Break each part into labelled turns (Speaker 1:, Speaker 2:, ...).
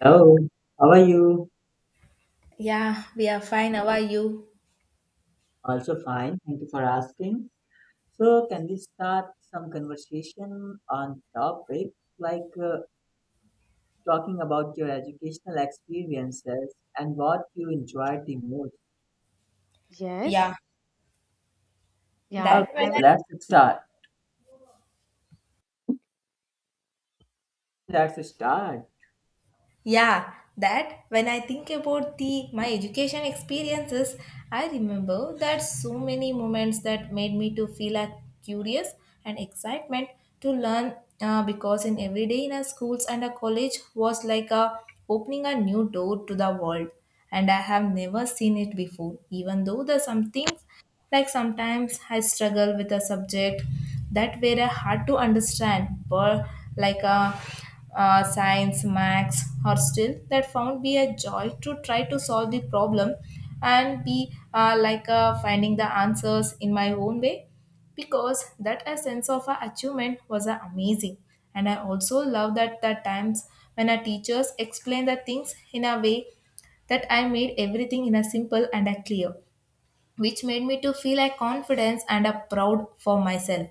Speaker 1: Hello, how are you?
Speaker 2: Yeah, we are fine. How are you?
Speaker 1: Also fine. Thank you for asking. So, can we start some conversation on topic like uh, talking about your educational experiences and what you enjoyed the most?
Speaker 2: Yeah,
Speaker 3: Yes, yeah,
Speaker 1: Okay,
Speaker 2: that when
Speaker 3: I
Speaker 1: so
Speaker 2: I,
Speaker 3: would.
Speaker 1: let's start. Let's start.
Speaker 2: yeah, that when I think about the my education experiences, I remember that so many moments that made me to feel a curious and excitement to learn because in every day in our schools and a college was like a opening a new door to the world and I have never seen it before even though the some things. Like sometimes I struggle with a subject that were hard to understand, but like a, science, max, or still that found be a joy to try to solve the problem and be finding the answers in my own way because that a sense of a achievement was a amazing. And I also love that the times when our teachers explain the things in a way that I made everything in a simple and a clear, which made me to feel a confidence and a proud for myself.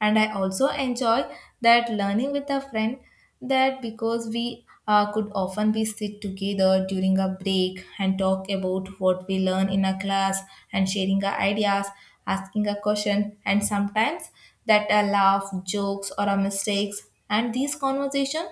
Speaker 2: And I also enjoy that learning with a friend, that because we could often be sit together during a break and talk about what we learn in a class and sharing our ideas, asking a question, and sometimes that a laugh jokes or a mistakes. And these conversation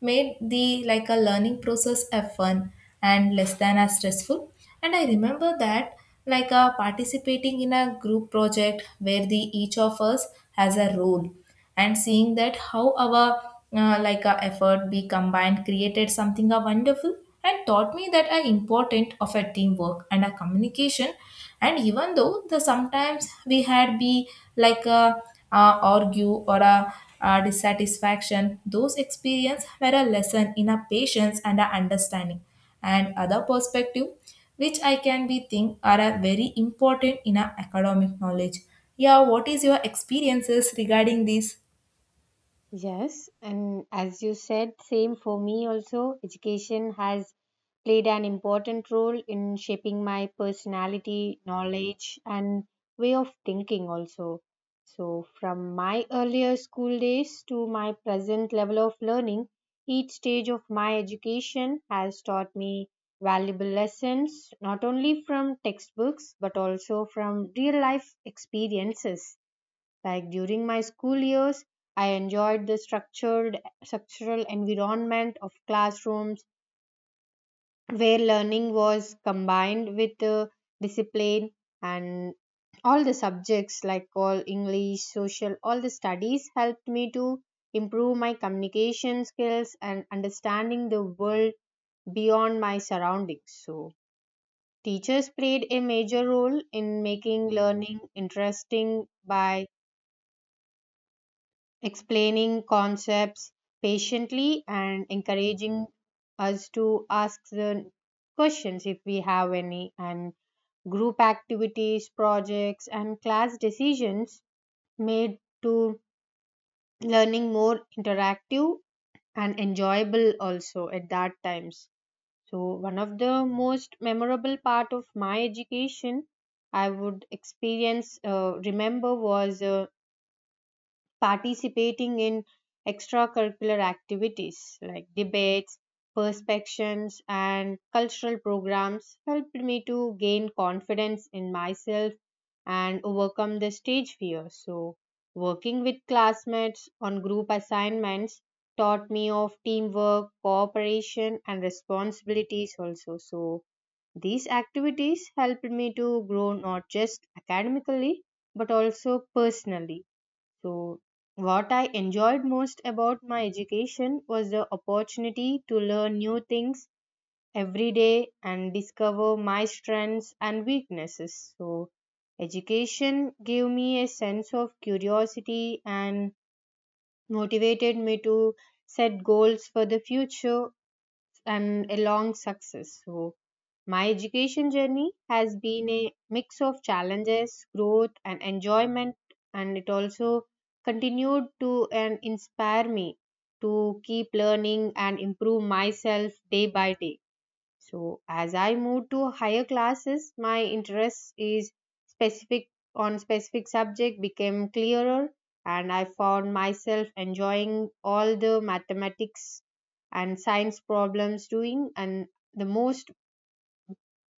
Speaker 2: made the like a learning process a fun and less than as stressful. And I remember that like a participating in a group project where the each of us has a role, and seeing that how our like a effort be combined created something a wonderful and taught me that are important of a teamwork and a communication. And even though the sometimes we had be like a, argue or a, dissatisfaction, those experience were a lesson in a patience and a understanding and other perspective, which I can be think are a very important in a academic knowledge. Yeah, what is your experiences regarding this?
Speaker 3: Yes, and as you said, same for me also. Education has played an important role in shaping my personality, knowledge, and way of thinking also. So, from my earlier school days to my present level of learning, each stage of my education has taught me valuable lessons, not only from textbooks, but also from real life experiences. Like during my school years, I enjoyed the structured structural environment of classrooms where learning was combined with discipline, and all the subjects like all English, social, all the studies helped me to improve my communication skills and understanding the world beyond my surroundings. So, teachers played a major role in making learning interesting by explaining concepts patiently and encouraging us to ask the questions if we have any, and group activities, projects, and class decisions made to learning more interactive and enjoyable also at that times. So, one of the most memorable part of my education, I would experience remember was participating in extracurricular activities like debates, perspectives, and cultural programs helped me to gain confidence in myself and overcome the stage fear. So, working with classmates on group assignments taught me of teamwork, cooperation, and responsibilities also. So, these activities helped me to grow not just academically but also personally. So, what I enjoyed most about my education was the opportunity to learn new things every day and discover my strengths and weaknesses. So, education gave me a sense of curiosity and motivated me to set goals for the future and a long success. So, my education journey has been a mix of challenges, growth, and enjoyment, and it also continued to and inspire me to keep learning and improve myself day by day. So, as I move to higher classes, my interest is specific on specific subject became clearer, and I found myself enjoying all the mathematics and science problems doing and the most,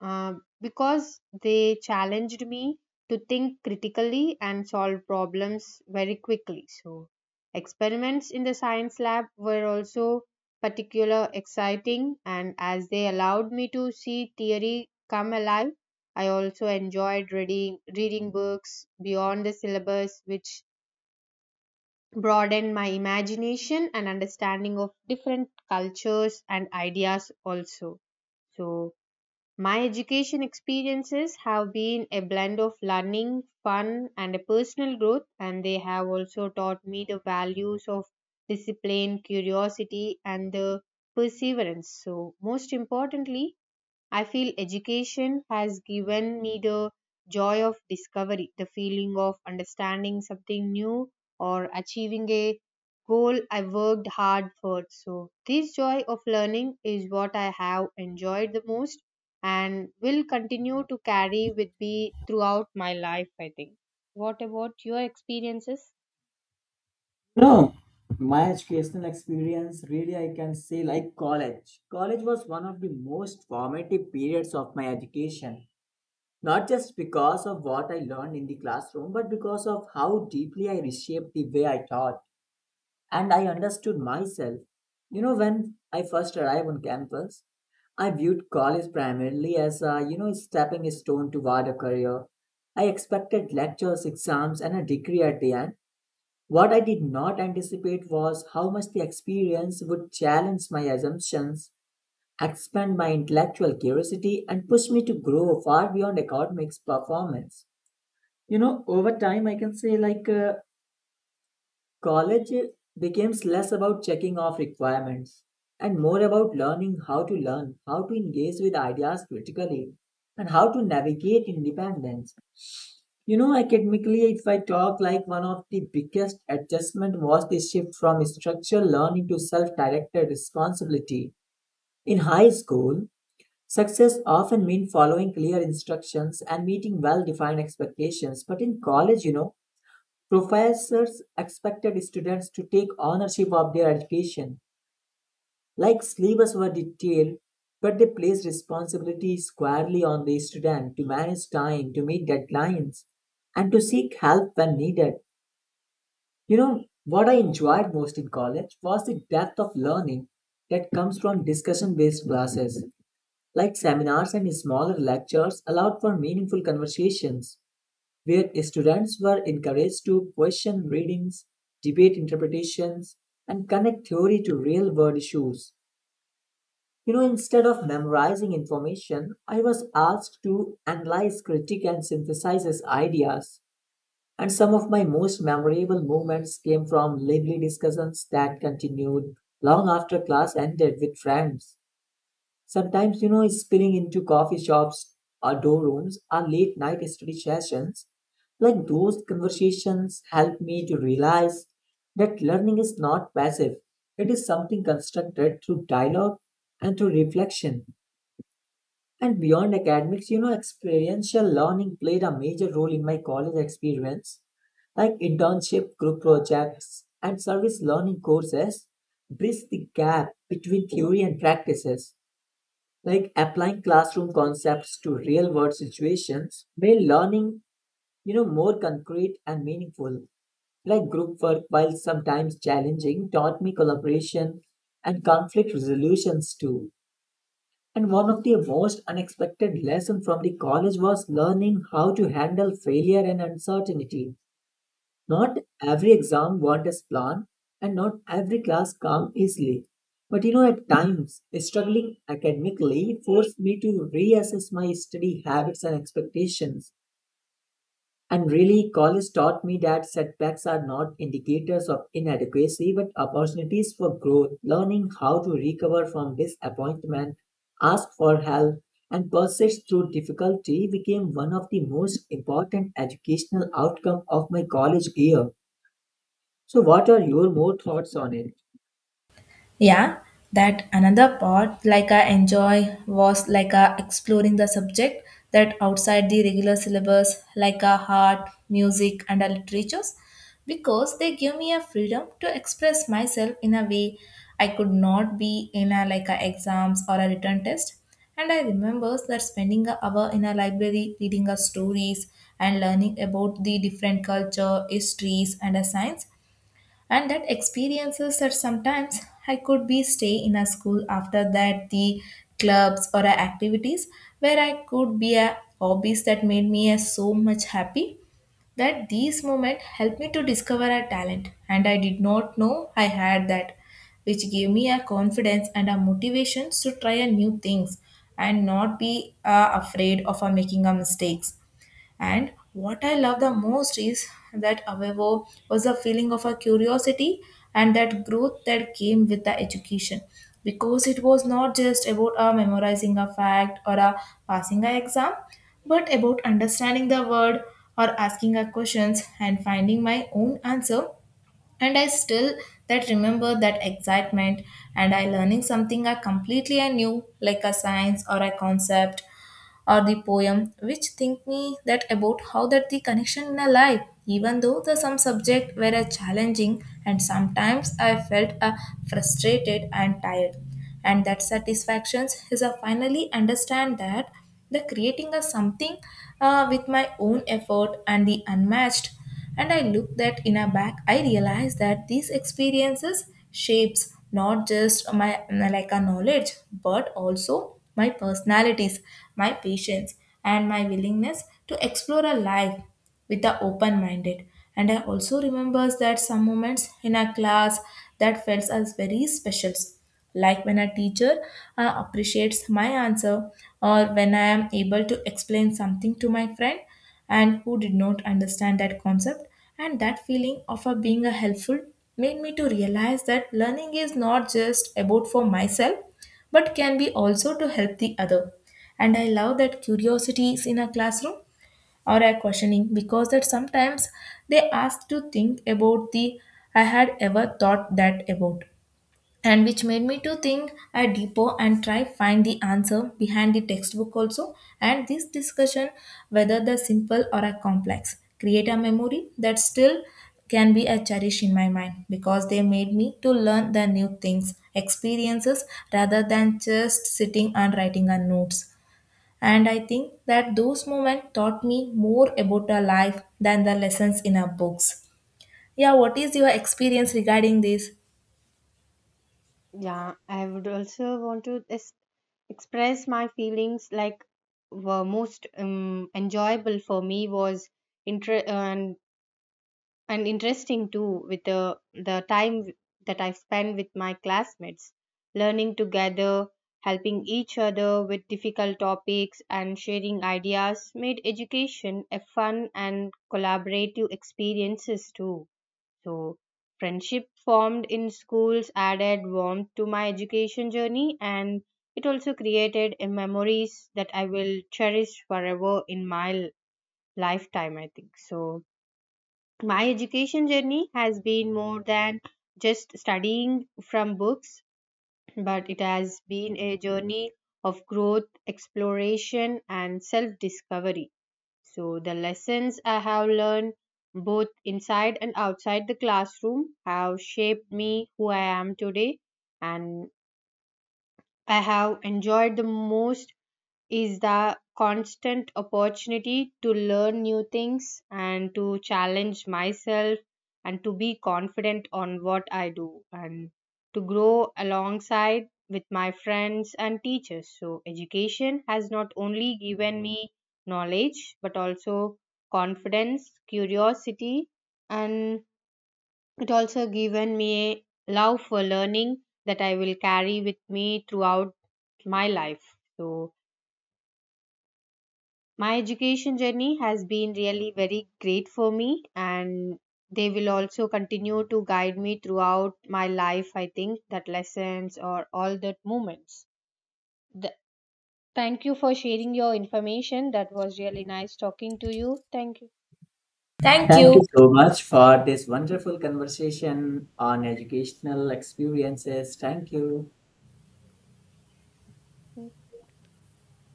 Speaker 3: uh, because they challenged me to think critically and solve problems very quickly. So, experiments in the science lab were also particular exciting, and as they allowed me to see theory come alive. I also enjoyed reading books beyond the syllabus, which broadened my imagination and understanding of different cultures and ideas also. So, my education experiences have been a blend of learning, fun, and a personal growth, and they have also taught me the values of discipline, curiosity, and the perseverance. So, most importantly, I feel education has given me the joy of discovery, the feeling of understanding something new or achieving a goal I worked hard for. So, this joy of learning is what I have enjoyed the most and will continue to carry with me throughout my life, I think. What about your experiences?
Speaker 1: No, my educational experience really I can say like college. College was one of the most formative periods of my education, not just because of what I learned in the classroom, but because of how deeply I reshaped the way I taught and I understood myself. You know, when I first arrived on campus, I viewed college primarily as a, you know, stepping stone toward a career. I expected lectures, exams, and a degree at the end. What I did not anticipate was how much the experience would challenge my assumptions, expand my intellectual curiosity, and push me to grow far beyond academics performance. You know, over time, I can say college becomes less about checking off requirements and more about learning how to learn, how to engage with ideas critically, and how to navigate independence. You know, academically, if I talk like one of the biggest adjustment was the shift from structural learning to self-directed responsibility. In high school, success often meant following clear instructions and meeting well-defined expectations. But in college, you know, professors expected students to take ownership of their education, like syllabus were detailed, but they placed responsibility squarely on the student to manage time, to meet deadlines, and to seek help when needed. You know, what I enjoyed most in college was the depth of learning that comes from discussion based classes, like seminars and smaller lectures, allowed for meaningful conversations where students were encouraged to question readings, debate interpretations, and connect theory to real world issues. You know, instead of memorizing information, I was asked to analyze, critique, and synthesize his ideas. And some of my most memorable moments came from lively discussions that continued long after class ended with friends. Sometimes, you know, it's spilling into coffee shops or dorm rooms or late night study sessions. Like those conversations help me to realize that learning is not passive. It is something constructed through dialogue and through reflection. And beyond academics, you know, experiential learning played a major role in my college experience. Like internship, group projects, and service learning courses bridge the gap between theory and practices, like applying classroom concepts to real world situations made learning, you know, more concrete and meaningful. Like group work, while sometimes challenging, taught me collaboration and conflict resolutions too. And one of the most unexpected lessons from the college was learning how to handle failure and uncertainty. Not every exam went as planned, and not every class came easily. But you know, at times, struggling academically forced me to reassess my study habits and expectations. And really, college taught me that setbacks are not indicators of inadequacy, but opportunities for growth. Learning how to recover from disappointment, ask for help, and persist through difficulty became one of the most important educational outcomes of my college year. So, what are your more thoughts on it?
Speaker 2: Yeah, that another part like I enjoy was like exploring the subject that outside the regular syllabus, like art, music, and literatures, because they give me a freedom to express myself in a way I could not be in a like a exams or a written test. And I remember that spending an hour in a library reading a stories and learning about the different culture, histories, and a science. And that experiences that sometimes I could be stay in a school after that the clubs or a activities where I could be a hobbies that made me a so much happy, that these moments helped me to discover a talent and I did not know I had that, which gave me a confidence and a motivation to try a new things and not be afraid of making a mistakes. And what I love the most is that Avevo was a feeling of a curiosity and that growth that came with the education. Because it was not just about memorizing a fact or passing an exam, but about understanding the word or asking a questions and finding my own answer. And I still that remember that excitement and I learning something I completely I knew, like a science or a concept or the poem, which think me that about how that the connection in a life, even though the some subject were a challenging and sometimes I felt a frustrated and tired. And that satisfactions is a finally understand that the creating a something with my own effort and the unmatched. And I look that in a back, I realize that these experiences shapes not just my like a knowledge, but also my personalities, my patience, and my willingness to explore a life with the open minded. And I also remembers that some moments in a class that felt as very special, like when a teacher appreciates my answer, or when I am able to explain something to my friend and who did not understand that concept, and that feeling of being a helpful made me to realize that learning is not just about for myself but can be also to help the other. And I love that curiosity is in a classroom or a questioning, because that sometimes they ask to think about the I had ever thought that about, and which made me to think a deeper and try find the answer behind the textbook also. And this discussion, whether the simple or a complex, create a memory that still can be a cherish in my mind, because they made me to learn the new things experiences rather than just sitting and writing on notes. And I think that those moments taught me more about a life than the lessons in our books. Yeah, what is your experience regarding this?
Speaker 3: Yeah, I would also want to es- express my feelings. Like, were most enjoyable for me was inter and interesting too with the that I spent with my classmates, learning together, helping each other with difficult topics and sharing ideas made education a fun and collaborative experiences too. So, friendship formed in schools added warmth to my education journey, and it also created a memories that I will cherish forever in my lifetime, I think. So, my education journey has been more than just studying from books, but it has been a journey of growth, exploration, and self discovery. So, the lessons I have learned both inside and outside the classroom have shaped me who I am today, and I have enjoyed the most is the constant opportunity to learn new things and to challenge myself and to be confident on what I do and to grow alongside with my friends and teachers. So, education has not only given me knowledge but also confidence, curiosity, and it also given me a love for learning that I will carry with me throughout my life. So, my education journey has been really very great for me, and they will also continue to guide me throughout my life. I think that lessons or all that moments. Th- Thank you for sharing your information. That was really nice talking to you. Thank you.
Speaker 2: Thank
Speaker 1: Thank
Speaker 2: you.
Speaker 1: you so much for this wonderful conversation on educational experiences. Thank you.